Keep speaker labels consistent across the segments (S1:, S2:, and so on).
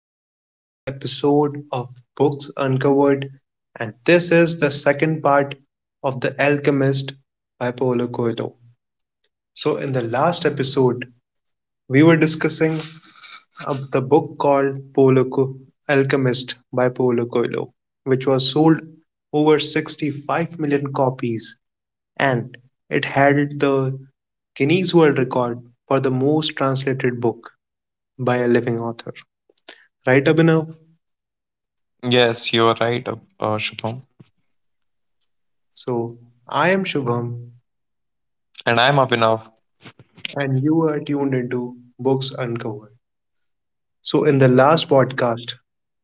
S1: back to the another episode of Books Uncovered, and this is the second part of The Alchemist by Paulo Coelho. So, in the last episode, we were discussing the book called Alchemist by Paulo Coelho, which was sold over 65 million copies, and it held the Guinness World Record for the most translated book by a living author. Right, Abhinav?
S2: Yes, you are right, Shubham.
S1: So, I am Shubham,
S2: And I'm Abhinav.
S1: and you are tuned into Books Uncovered. So, in the last podcast,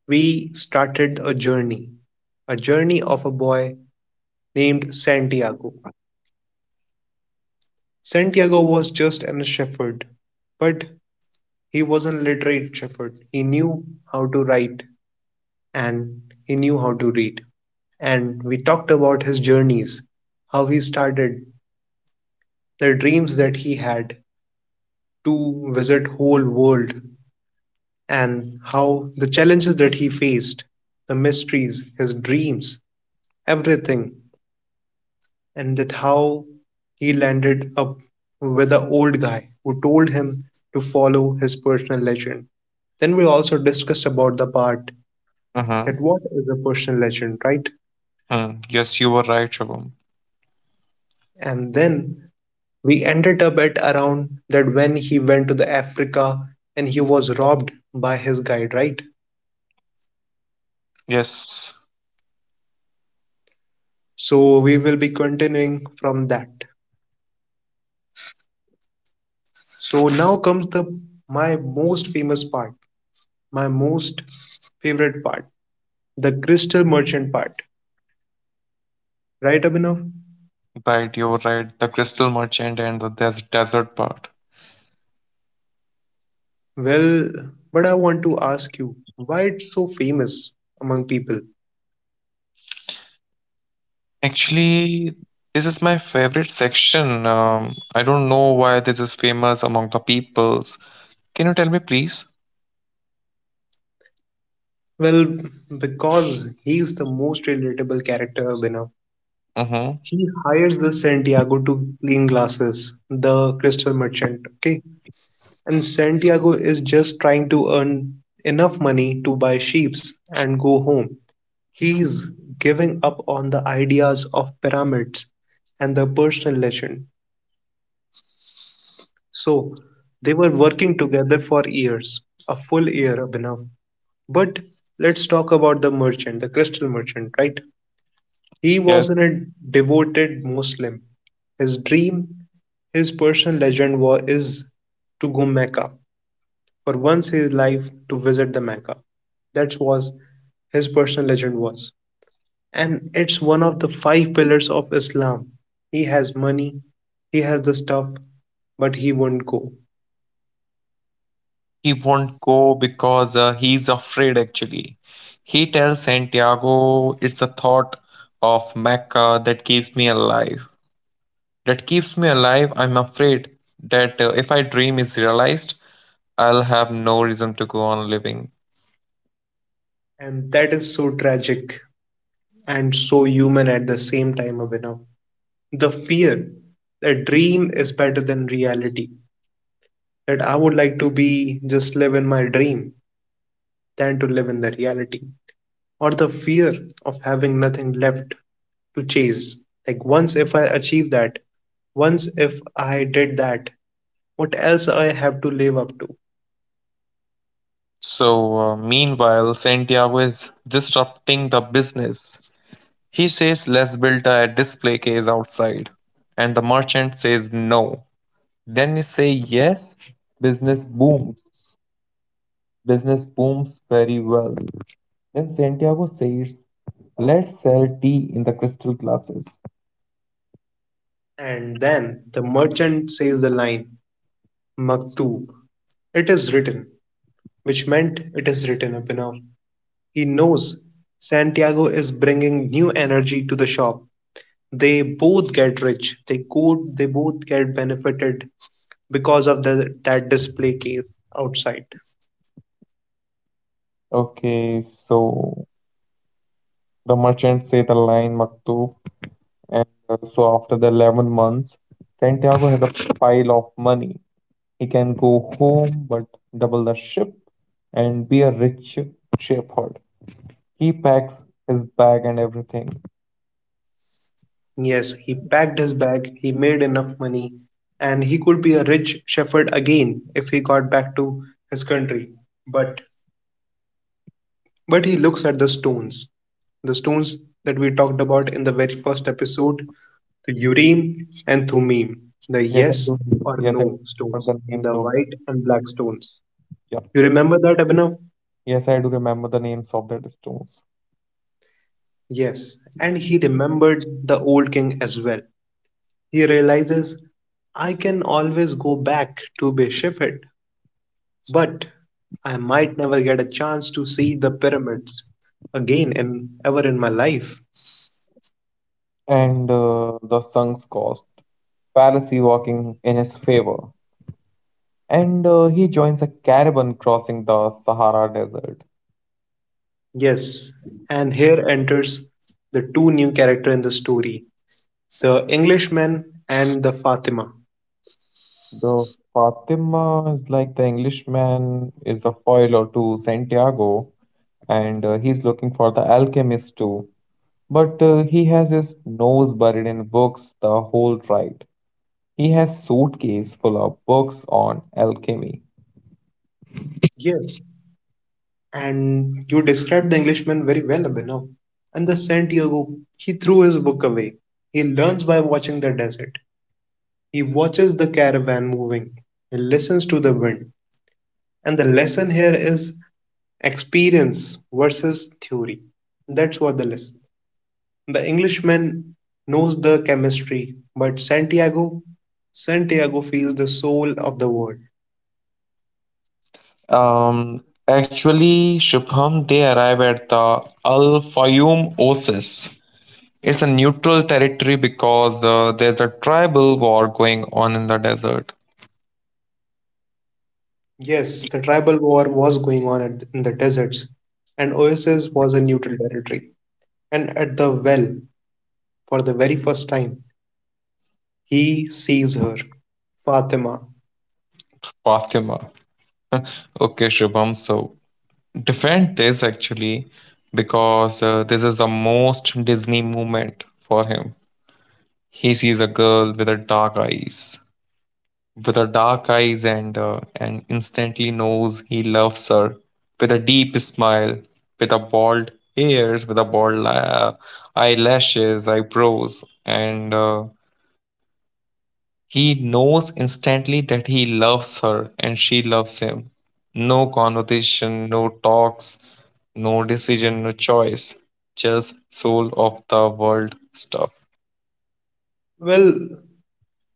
S1: we started a journey of a boy named Santiago. Santiago was just an shepherd, but he was a literate shepherd. He knew how to write and he knew how to read. And we talked about his journeys, how he started, the dreams that he had to visit whole world and how the challenges that he faced, the mysteries, his dreams, everything, and that how he landed up with the old guy who told him to follow his personal legend. Then we also discussed about the part
S2: Mm-hmm.
S1: that what is a personal legend, right?
S2: Hmm. Yes, you were right, Shubham.
S1: And then we ended up at around that when he went to the Africa and he was robbed by his guide, right?
S2: Yes,
S1: So we will be continuing from that. So now comes the my most famous part, my most favorite part, the crystal merchant part. Right, Abhinav?
S2: right, you were right. The Crystal Merchant and the desert part.
S1: Well, but I want to ask you, why it's so famous among people?
S2: Actually, this is my favorite section. I don't know why this is famous among the peoples. Can you tell me, please?
S1: Well, because he is the most relatable character, Abhinav.
S2: Mm-hmm.
S1: He hires the Santiago to clean glasses, the crystal merchant, okay? And Santiago is just trying to earn enough money to buy sheeps and go home. He's giving up on the ideas of pyramids and the personal legend. So they were working together for years, a full year, Abhinav. But let's talk about the merchant, the crystal merchant, right? He
S2: Yes,
S1: wasn't a devoted Muslim. His dream, his personal legend was is to go Mecca for once in his life to visit the Mecca. That was his personal legend was. And it's one of the five pillars of Islam. He has money, he has the stuff, but he won't go.
S2: he won't go because he's afraid, actually. He tells Santiago, it's the thought of Mecca that keeps me alive. I'm afraid that if I dream is realized, I'll have no reason to go on living.
S1: And that is so tragic and so human at the same time, Abhinav. The fear that dream is better than reality, that I would like to be just live in my dream than to live in the reality, or the fear of having nothing left to chase. Like, once if I achieve that, once if I did that, what else I have to live up to?
S2: So, meanwhile, Santiago is disrupting the business. He says, let's build a display case outside. And the merchant says no. Then you say yes, business booms. Business booms very well. Then Santiago says, let's sell tea in the crystal glasses.
S1: And then the merchant says the line, Maktub, it is written, which meant it is written, Abhinav. He knows Santiago is bringing new energy to the shop. They both get rich. They go, they both get benefited because of the, that display case outside.
S2: Okay, so the merchant say the line Maktub, and so after the 11 months, Santiago has a pile of money. He can go home but double the ship and be a rich shepherd. He packs his bag and everything.
S1: Yes, he packed his bag, he made enough money, and he could be a rich shepherd again if he got back to his country. But but he looks at the stones. The stones that we talked about in the very first episode, the urim and thummim, the
S2: Yes, I
S1: yes
S2: do.
S1: or
S2: Yes, I
S1: no stones,
S2: remember the names
S1: the
S2: of
S1: white
S2: them.
S1: and black stones.
S2: Yeah.
S1: You remember that, Abhinav?
S2: Yes, I do remember the names of the stones.
S1: Yes, and he remembered the old king as well. He realizes I can always go back to Beshefet, but I might never get a chance to see the pyramids again and ever in my life.
S2: And the sun's cost. Pharisee working in his favor. And he joins a caravan crossing the Sahara Desert.
S1: Yes, and here enters the two new character in the story, The Englishman and the Fatima.
S2: The Fatima is like the Englishman is the foil to Santiago, and he's looking for the alchemist too. But he has his nose buried in books the whole ride. He has suitcase full of books on alchemy.
S1: Yeah, and you described the Englishman very well, Abhinav. And the Santiago, he threw his book away. He learns by watching the desert. He watches the caravan moving. He listens to the wind. And the lesson here is experience versus theory. That's what the lesson. The Englishman knows the chemistry, but Santiago feels the soul of the world.
S2: Actually, Shubham, they arrive at the Al Fayoum Oasis. It's a neutral territory because there's a tribal war going on in the desert.
S1: Yes, the tribal war was going on at, in the deserts, and Oasis was a neutral territory. And at the well, for the very first time, he sees her, Fatima.
S2: Fatima. Okay, Shubham. So defend this actually because this is the most Disney moment for him. He sees a girl with a dark eyes, and and instantly knows he loves her. With a deep smile, with a bald ears, with a bald eyelashes, eyebrows, and he knows instantly that he loves her and she loves him. No conversation, no talks, no decision, no choice. Just soul of the world stuff.
S1: Well,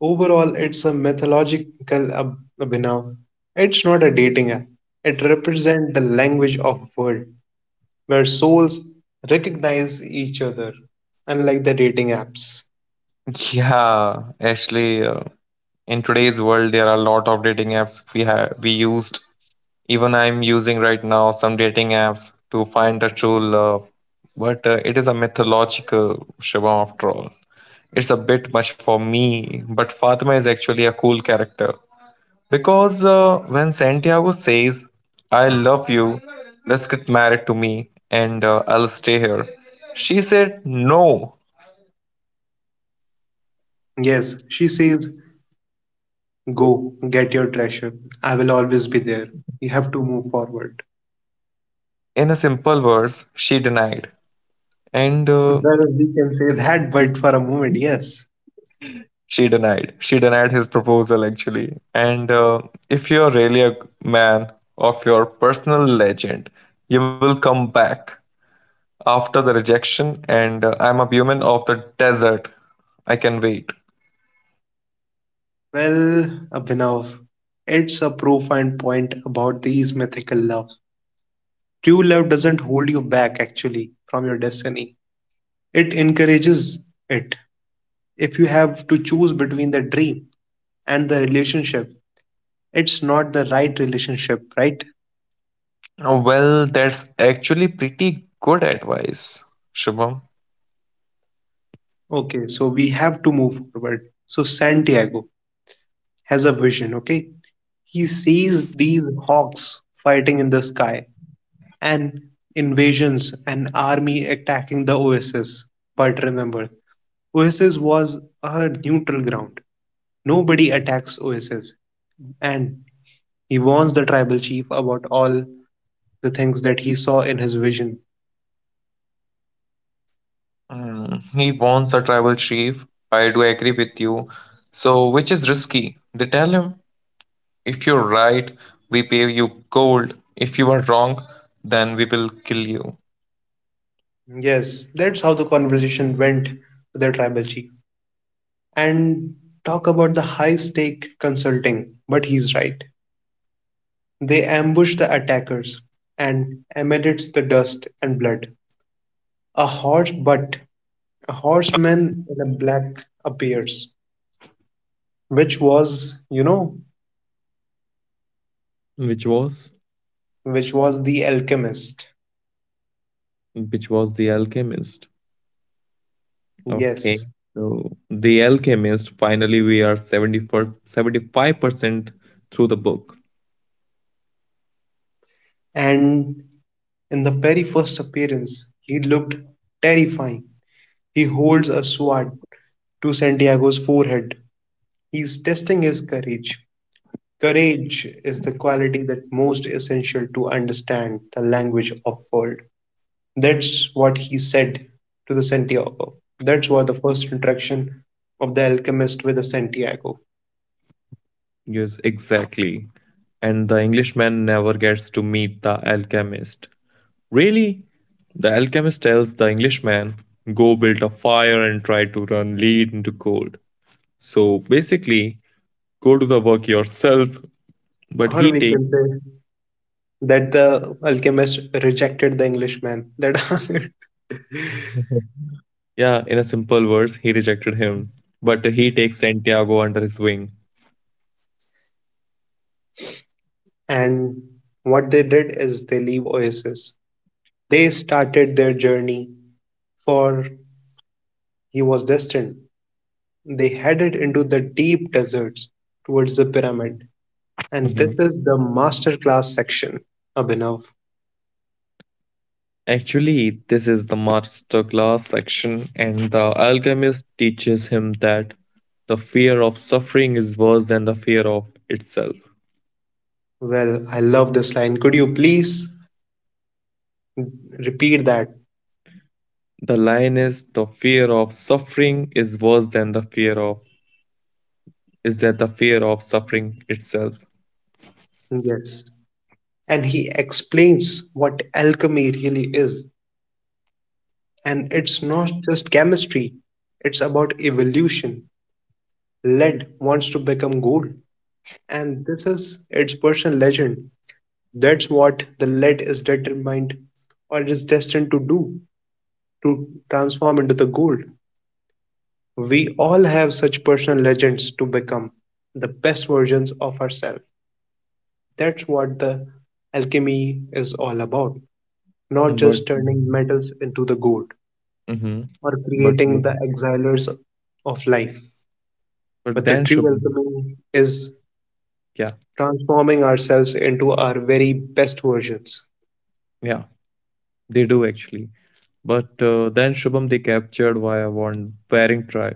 S1: overall, it's a mythological abhinav. It's not a dating app. It represents the language of world, where souls recognize each other, unlike the dating apps.
S2: Yeah, actually, in today's world, there are a lot of dating apps we used. Even I'm using right now some dating apps to find the true love, but it is a mythological Shivam after all. It's a bit much for me, but Fatima is actually a cool character. Because when Santiago says, I love you, let's get married to me, and I'll stay here, she said no.
S1: Yes, she says, Go, get your treasure. I will always be there. You have to move forward.
S2: In a simple words, she denied. And
S1: Well, we can say that, but for a moment, yes.
S2: she denied. She denied his proposal actually. And if you're really a man of your personal legend, you will come back after the rejection and I'm a woman of the desert. I can wait.
S1: Well, Abhinav, it's a profound point about these mythical loves. True love doesn't hold you back actually from your destiny, it encourages it. If you have to choose between the dream and the relationship, it's not the right relationship, right?
S2: Oh, well, that's actually pretty good advice, Shubham.
S1: Okay, so we have to move forward. So, Santiago, has a vision, okay? He sees these hawks fighting in the sky and invasions, an army attacking the Oasis. But remember, Oasis was a neutral ground. Nobody attacks Oasis. And he warns the tribal chief about all the things that he saw in his vision.
S2: Hmm, he wants a tribal chief. I do agree with you. So which is risky. They tell him, if you're right, we pay you gold. If you are wrong, then we will kill you.
S1: Yes, that's how the conversation went with the tribal chief. And talk about the high stake consulting, but he's right. They ambush the attackers, and amidst the dust and blood, a horse but a horseman in a black appears, which was, you know,
S2: which was
S1: which was the alchemist.
S2: which was the alchemist. Okay.
S1: Yes.
S2: So The Alchemist, finally we are 74, 75% through the book.
S1: And in the very first appearance, he looked terrifying. He holds a sword to Santiago's forehead. He's testing his courage. Courage is the quality that most essential to understand the language of world. That's what he said to the Santiago. That's what the first interaction of the alchemist with the Santiago.
S2: Yes, exactly. And the Englishman never gets to meet the alchemist. Really? The alchemist tells the Englishman, go build a fire and try to run lead into gold. So basically, go do the work yourself. But he
S1: Or we
S2: takes
S1: can say that the alchemist rejected the Englishman. That
S2: yeah, in a simple words, he rejected him. But he takes Santiago under his wing.
S1: and what they did is they leave Oasis. They started their journey for he was destined. They headed into the deep deserts towards the pyramid. And
S2: Mhm.
S1: this is the masterclass section, Abhinav.
S2: Actually, this is the master class section, and the alchemist teaches him that the fear of suffering is worse than the fear of itself.
S1: Well, I love this line. Could you please repeat that.
S2: The line is the fear of suffering is worse than the fear of is that the fear of suffering itself.
S1: Yes. And he explains what alchemy really is. And it's not just chemistry, it's about evolution. Lead wants to become gold. And this is its personal legend. That's what the lead is determined or is destined to do, to transform into the gold. We all have such personal legends to become the best versions of ourselves. That's what the alchemy is all about. Not
S2: But,
S1: just turning metals into the gold
S2: mm-hmm,
S1: or
S2: but
S1: creating the exilers of life.
S2: but
S1: But
S2: then
S1: the true
S2: Shubham,
S1: alchemy is
S2: yeah,
S1: transforming ourselves into our very best versions.
S2: yeah, they do actually. But then Shubham, they captured why I want wearing tribe.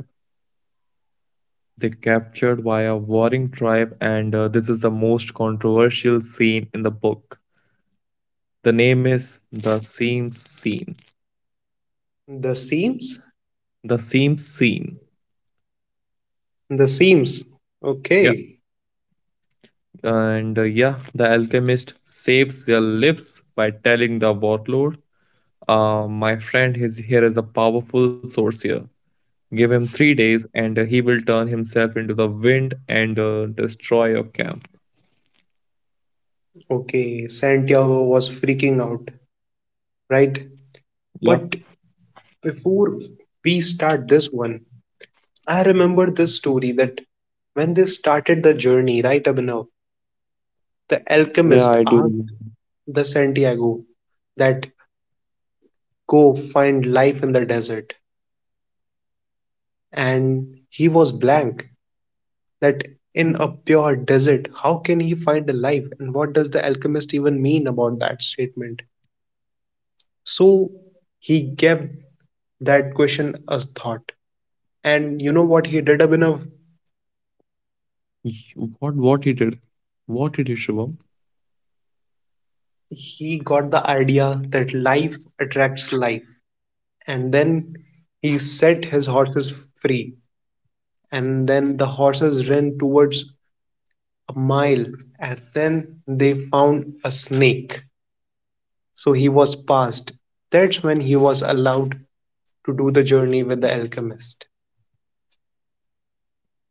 S2: They captured via warring tribe, and this is the most controversial scene in the book. The name is the same scene.
S1: The seams?
S2: The same scene.
S1: The seams.
S2: Yeah,
S1: Okay.
S2: and the alchemist saves their lives by telling the warlord, "My friend, is here is a powerful sorcerer. Give him 3 days, and he will turn himself into the wind and destroy your camp."
S1: Okay. Santiago was freaking out, right?
S2: Yeah,
S1: But before we start this one, I remember this story that when they started the journey, right, Abhinav,
S2: yeah,
S1: the
S2: I do. Remember.
S1: alchemist asked the Santiago that go find life in the desert. And he was blank that in a pure desert, how can he find a life? And what does the alchemist even mean about that statement? So he gave that question a thought. And you know what he did, Abhinav?
S2: What he did? What did he, Shivam?
S1: He got the idea that life attracts life. And then he set his horses free. And then the horses ran towards a mile. And then they found a snake. So he was passed. That's when he was allowed to do the journey with the alchemist.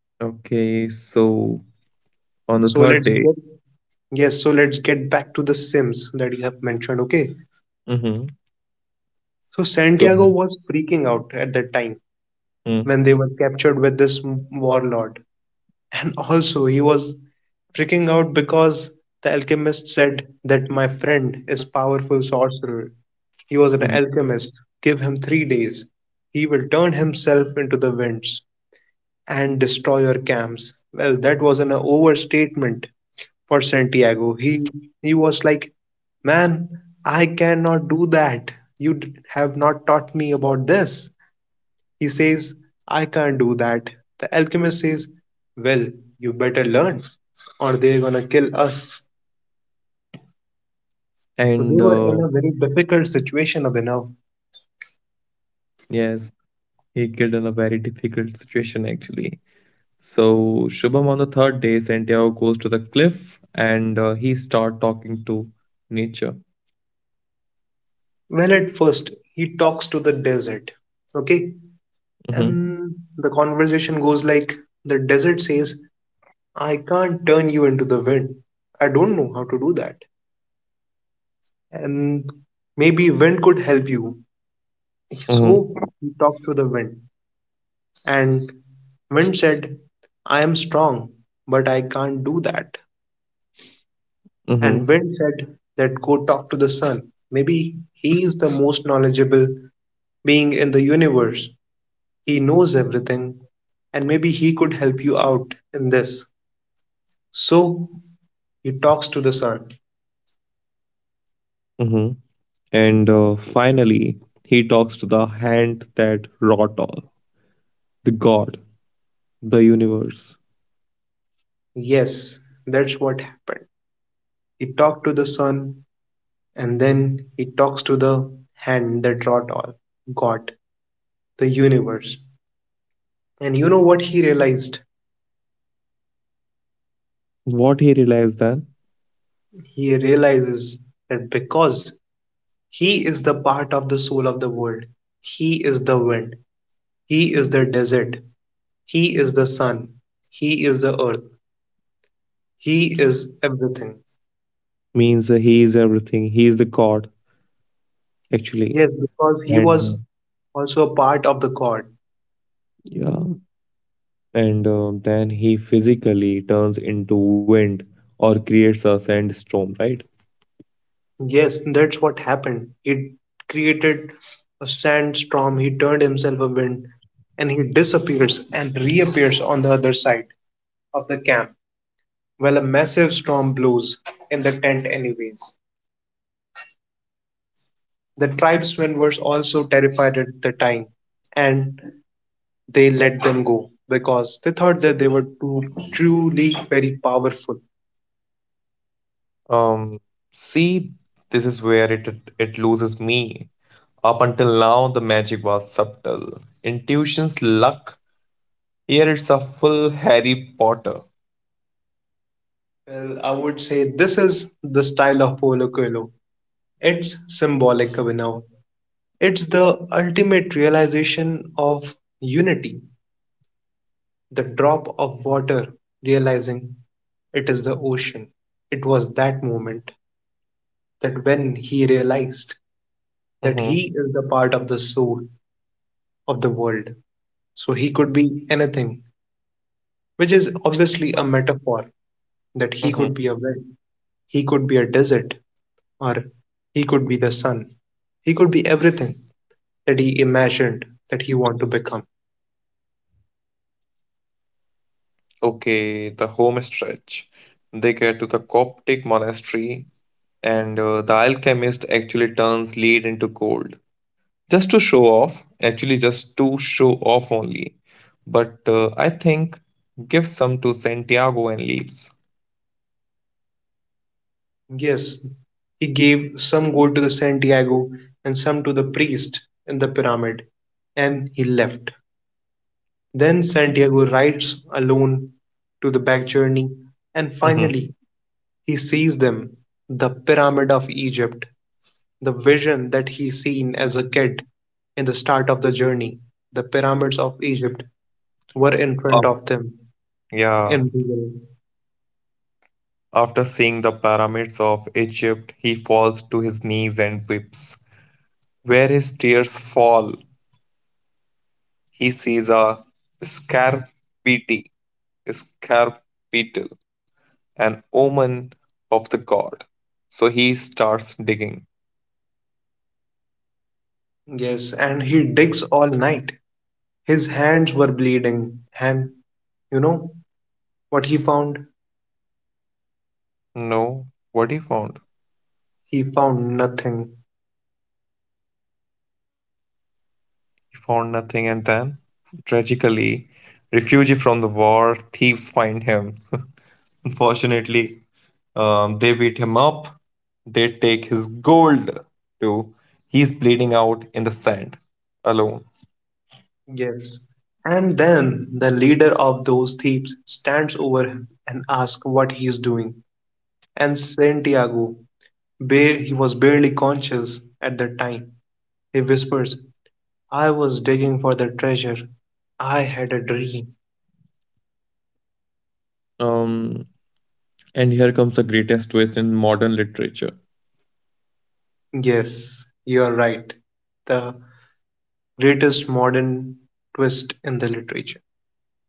S2: Okay, so on the
S1: So
S2: third
S1: let's
S2: day,
S1: get Yes, so let's get back to the Sims that you have mentioned, okay?
S2: hmm
S1: So
S2: so
S1: Santiago was freaking out at that time
S2: mm,
S1: when they were captured with this warlord. And also he was freaking out because the alchemist said that my friend is powerful sorcerer. He was an
S2: mhm.
S1: alchemist. Give him 3 days. He will turn himself into the winds and destroy your camps. Well, that was an overstatement for Santiago. He was like, man, I cannot do that. Have not taught me about this. He says, I can't do that. The alchemist says, well, you better learn, or they're gonna kill us.
S2: and
S1: So they were in a very difficult situation, Abhinav.
S2: yes, he killed in a very difficult situation actually. So Shubham, on the third day, Santiago goes to the cliff and he start talking to nature.
S1: Well, at first he talks to the desert, okay,
S2: Mm-hmm.
S1: and the conversation goes like the desert says I can't turn you into the wind. I don't know how to do that. And maybe wind could help you. So
S2: Mm-hmm.
S1: he talks to the wind. And wind said, I am strong, but I can't do that. And wind said that go talk to the sun. Maybe he is the most knowledgeable being in the universe. He knows everything. And maybe he could help you out in this. So he talks to the sun.
S2: Mm-hmm. And finally, he talks to the hand that wrought all, the God, the universe.
S1: Yes, that's what happened. He talked to the sun, and then he talks to the hand that wrought all, God, the universe. And you know what he realized?
S2: What he realized then?
S1: He realizes that because he is the part of the soul of the world, he is the wind, he is the desert, he is the sun, he is the earth, he is everything.
S2: Means he is everything. He is the God, actually.
S1: Yes, because he
S2: And
S1: was also a part of the God.
S2: yeah, and then he physically turns into wind or creates a sandstorm, right?
S1: Yes, that's what happened. He created a sandstorm, he turned himself a wind, and he disappears and reappears on the other side of the camp while a massive storm blows in the tent, anyways. The tribesmen were also terrified at the time, and they let them go because they thought that they were too truly very powerful.
S2: Um, see, this is where it loses me. Up until now, the magic was subtle. Intuition's luck. Here it's a full Harry Potter.
S1: Well, I would say this is the style of Polo Coelho. It's symbolic, Abhinav. It's the ultimate realization of unity, the drop of water realizing it is the ocean. It was that moment that when he realized that he is
S2: Mm-hmm,
S1: the part of the soul of the world, so he could be anything, which is obviously a metaphor that he could be a
S2: mm-hmm.
S1: well, he could be a desert, or he could be the sun. He could be everything that he imagined that he wanted to become.
S2: Okay, the home stretch. They get to the Coptic monastery, and the alchemist actually turns lead into gold. Just to show off actually, just to show off only. But I think give some to Santiago and leaves.
S1: Yes, he gave some gold to the Santiago and some to the priest in the pyramid, and he left. Then Santiago rides alone to the back journey, and
S2: Hmm.
S1: finally he sees them, the Pyramid of Egypt, the vision that he seen as a kid in the start of the journey. The pyramids of Egypt were in front of them
S2: Yeah,
S1: in real.
S2: after seeing the pyramids of Egypt, he falls to his knees and weeps. Where his tears fall, he sees a scarpity scarpital, an omen of the God. So he starts digging.
S1: Yes, and he digs all night. His hands were bleeding, and you know, what he found?
S2: No. What he found?
S1: He found nothing.
S2: He found nothing, and then, tragically, refugee from the war, thieves find him. Unfortunately, they beat him up. They take his gold too. He's bleeding out in the sand, alone.
S1: Yes. And then the leader of those thieves stands over him and asks what he is doing. And Santiago, he was barely conscious at the time. He whispers, I was digging for the treasure. I had a dream.
S2: Um, and here comes the greatest twist in modern literature.
S1: Yes, you are right. The greatest modern twist in the literature.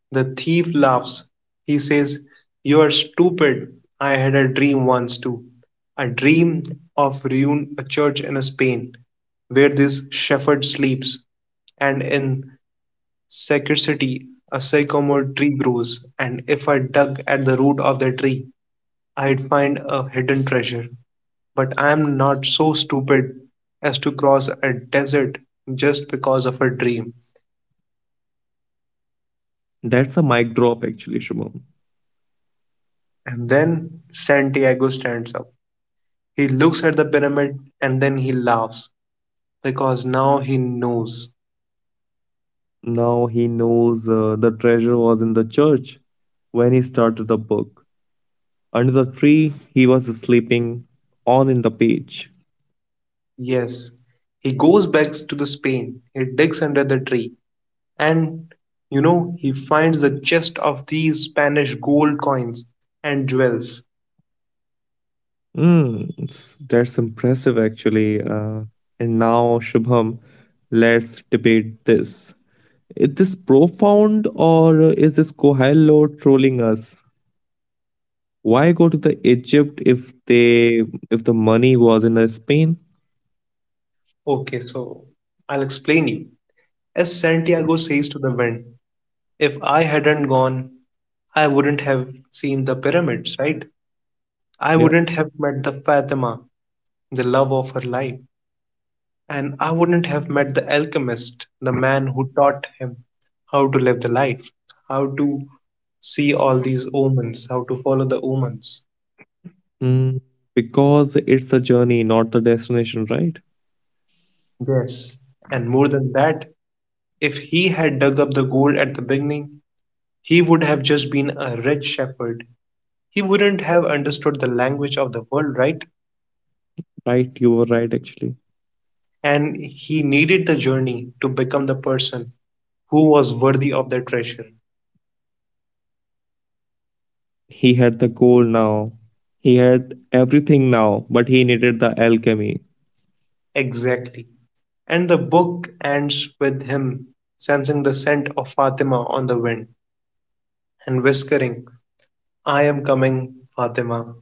S1: The thief laughs. He says, You're stupid. I had a dream once too. A dream of ruin, a church in Spain where this shepherd sleeps, and in scarcity a sycamore tree grows, and if I dug at the root of the tree, I'd find a hidden treasure. But I'm not so stupid as to cross a desert just because of a dream.
S2: That's a mic drop, actually, Shubham.
S1: And then Santiago stands up. He looks at the pyramid and then he laughs because now he knows.
S2: Now he knows the treasure was in the church when he started the book. Under the tree, he was sleeping on in the page.
S1: Yes, he goes back to the Spain. He digs under the tree and he finds the chest of these Spanish gold coins and jewels.
S2: Mm, that's impressive, actually. And now, Shubham, let's debate this. Is this profound or is this Kohilo trolling us? Why go to the Egypt if the money was in Spain?
S1: Okay, so I'll explain you. As Santiago says to the wind, if I hadn't gone, I wouldn't have seen the pyramids, right?
S2: Yeah.
S1: I wouldn't have met the Fatima, the love of her life. And I wouldn't have met the alchemist, the man who taught him how to live the life, how to see all these omens, how to follow the omens.
S2: Mm, because it's the journey, not the destination, right?
S1: Yes. And more than that, if he had dug up the gold at the beginning, he would have just been a rich shepherd. He wouldn't have understood the language of the world, right?
S2: Right, you were right, actually.
S1: And he needed the journey to become the person who was worthy of the treasure.
S2: He had the goal now. He had everything now, but he needed the alchemy.
S1: Exactly. And the book ends with him sensing the scent of Fatima on the wind and whispering, I am coming, Fatima.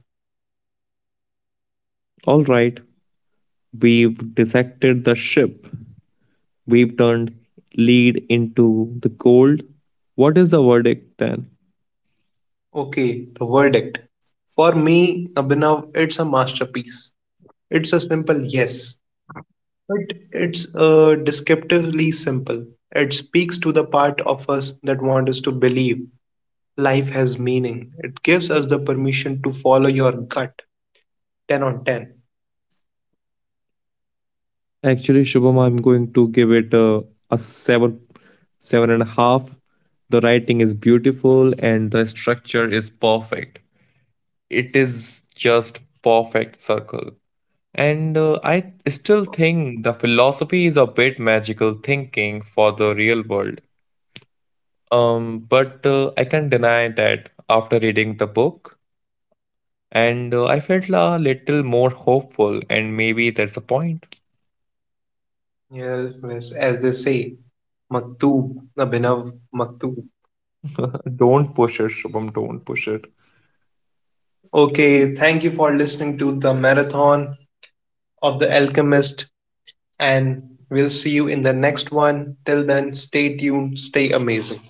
S2: All right, we've dissected the ship. We've turned lead into the gold. What is the verdict then?
S1: Okay, the verdict. For me, Abhinav, it's a masterpiece. It's a simple yes, but it's descriptively simple. It speaks to the part of us that wants us to believe life has meaning. It gives us the permission to follow your gut. 10 on 10.
S2: Actually, Shubham, I'm going to give it a seven, seven and a half. The writing is beautiful and the structure is perfect. It is just perfect circle. And I still think the philosophy is a bit magical thinking for the real world. But I can not deny that after reading the book, and I felt a little more hopeful, and maybe that's a point.
S1: Yes, yes, as they say. Maktoob, Abhinav Maktoob.
S2: Don't push it, Shubham. Don't push it.
S1: Okay, thank you for listening to the marathon of The Alchemist, and we'll see you in the next one. Till then, stay tuned, stay amazing.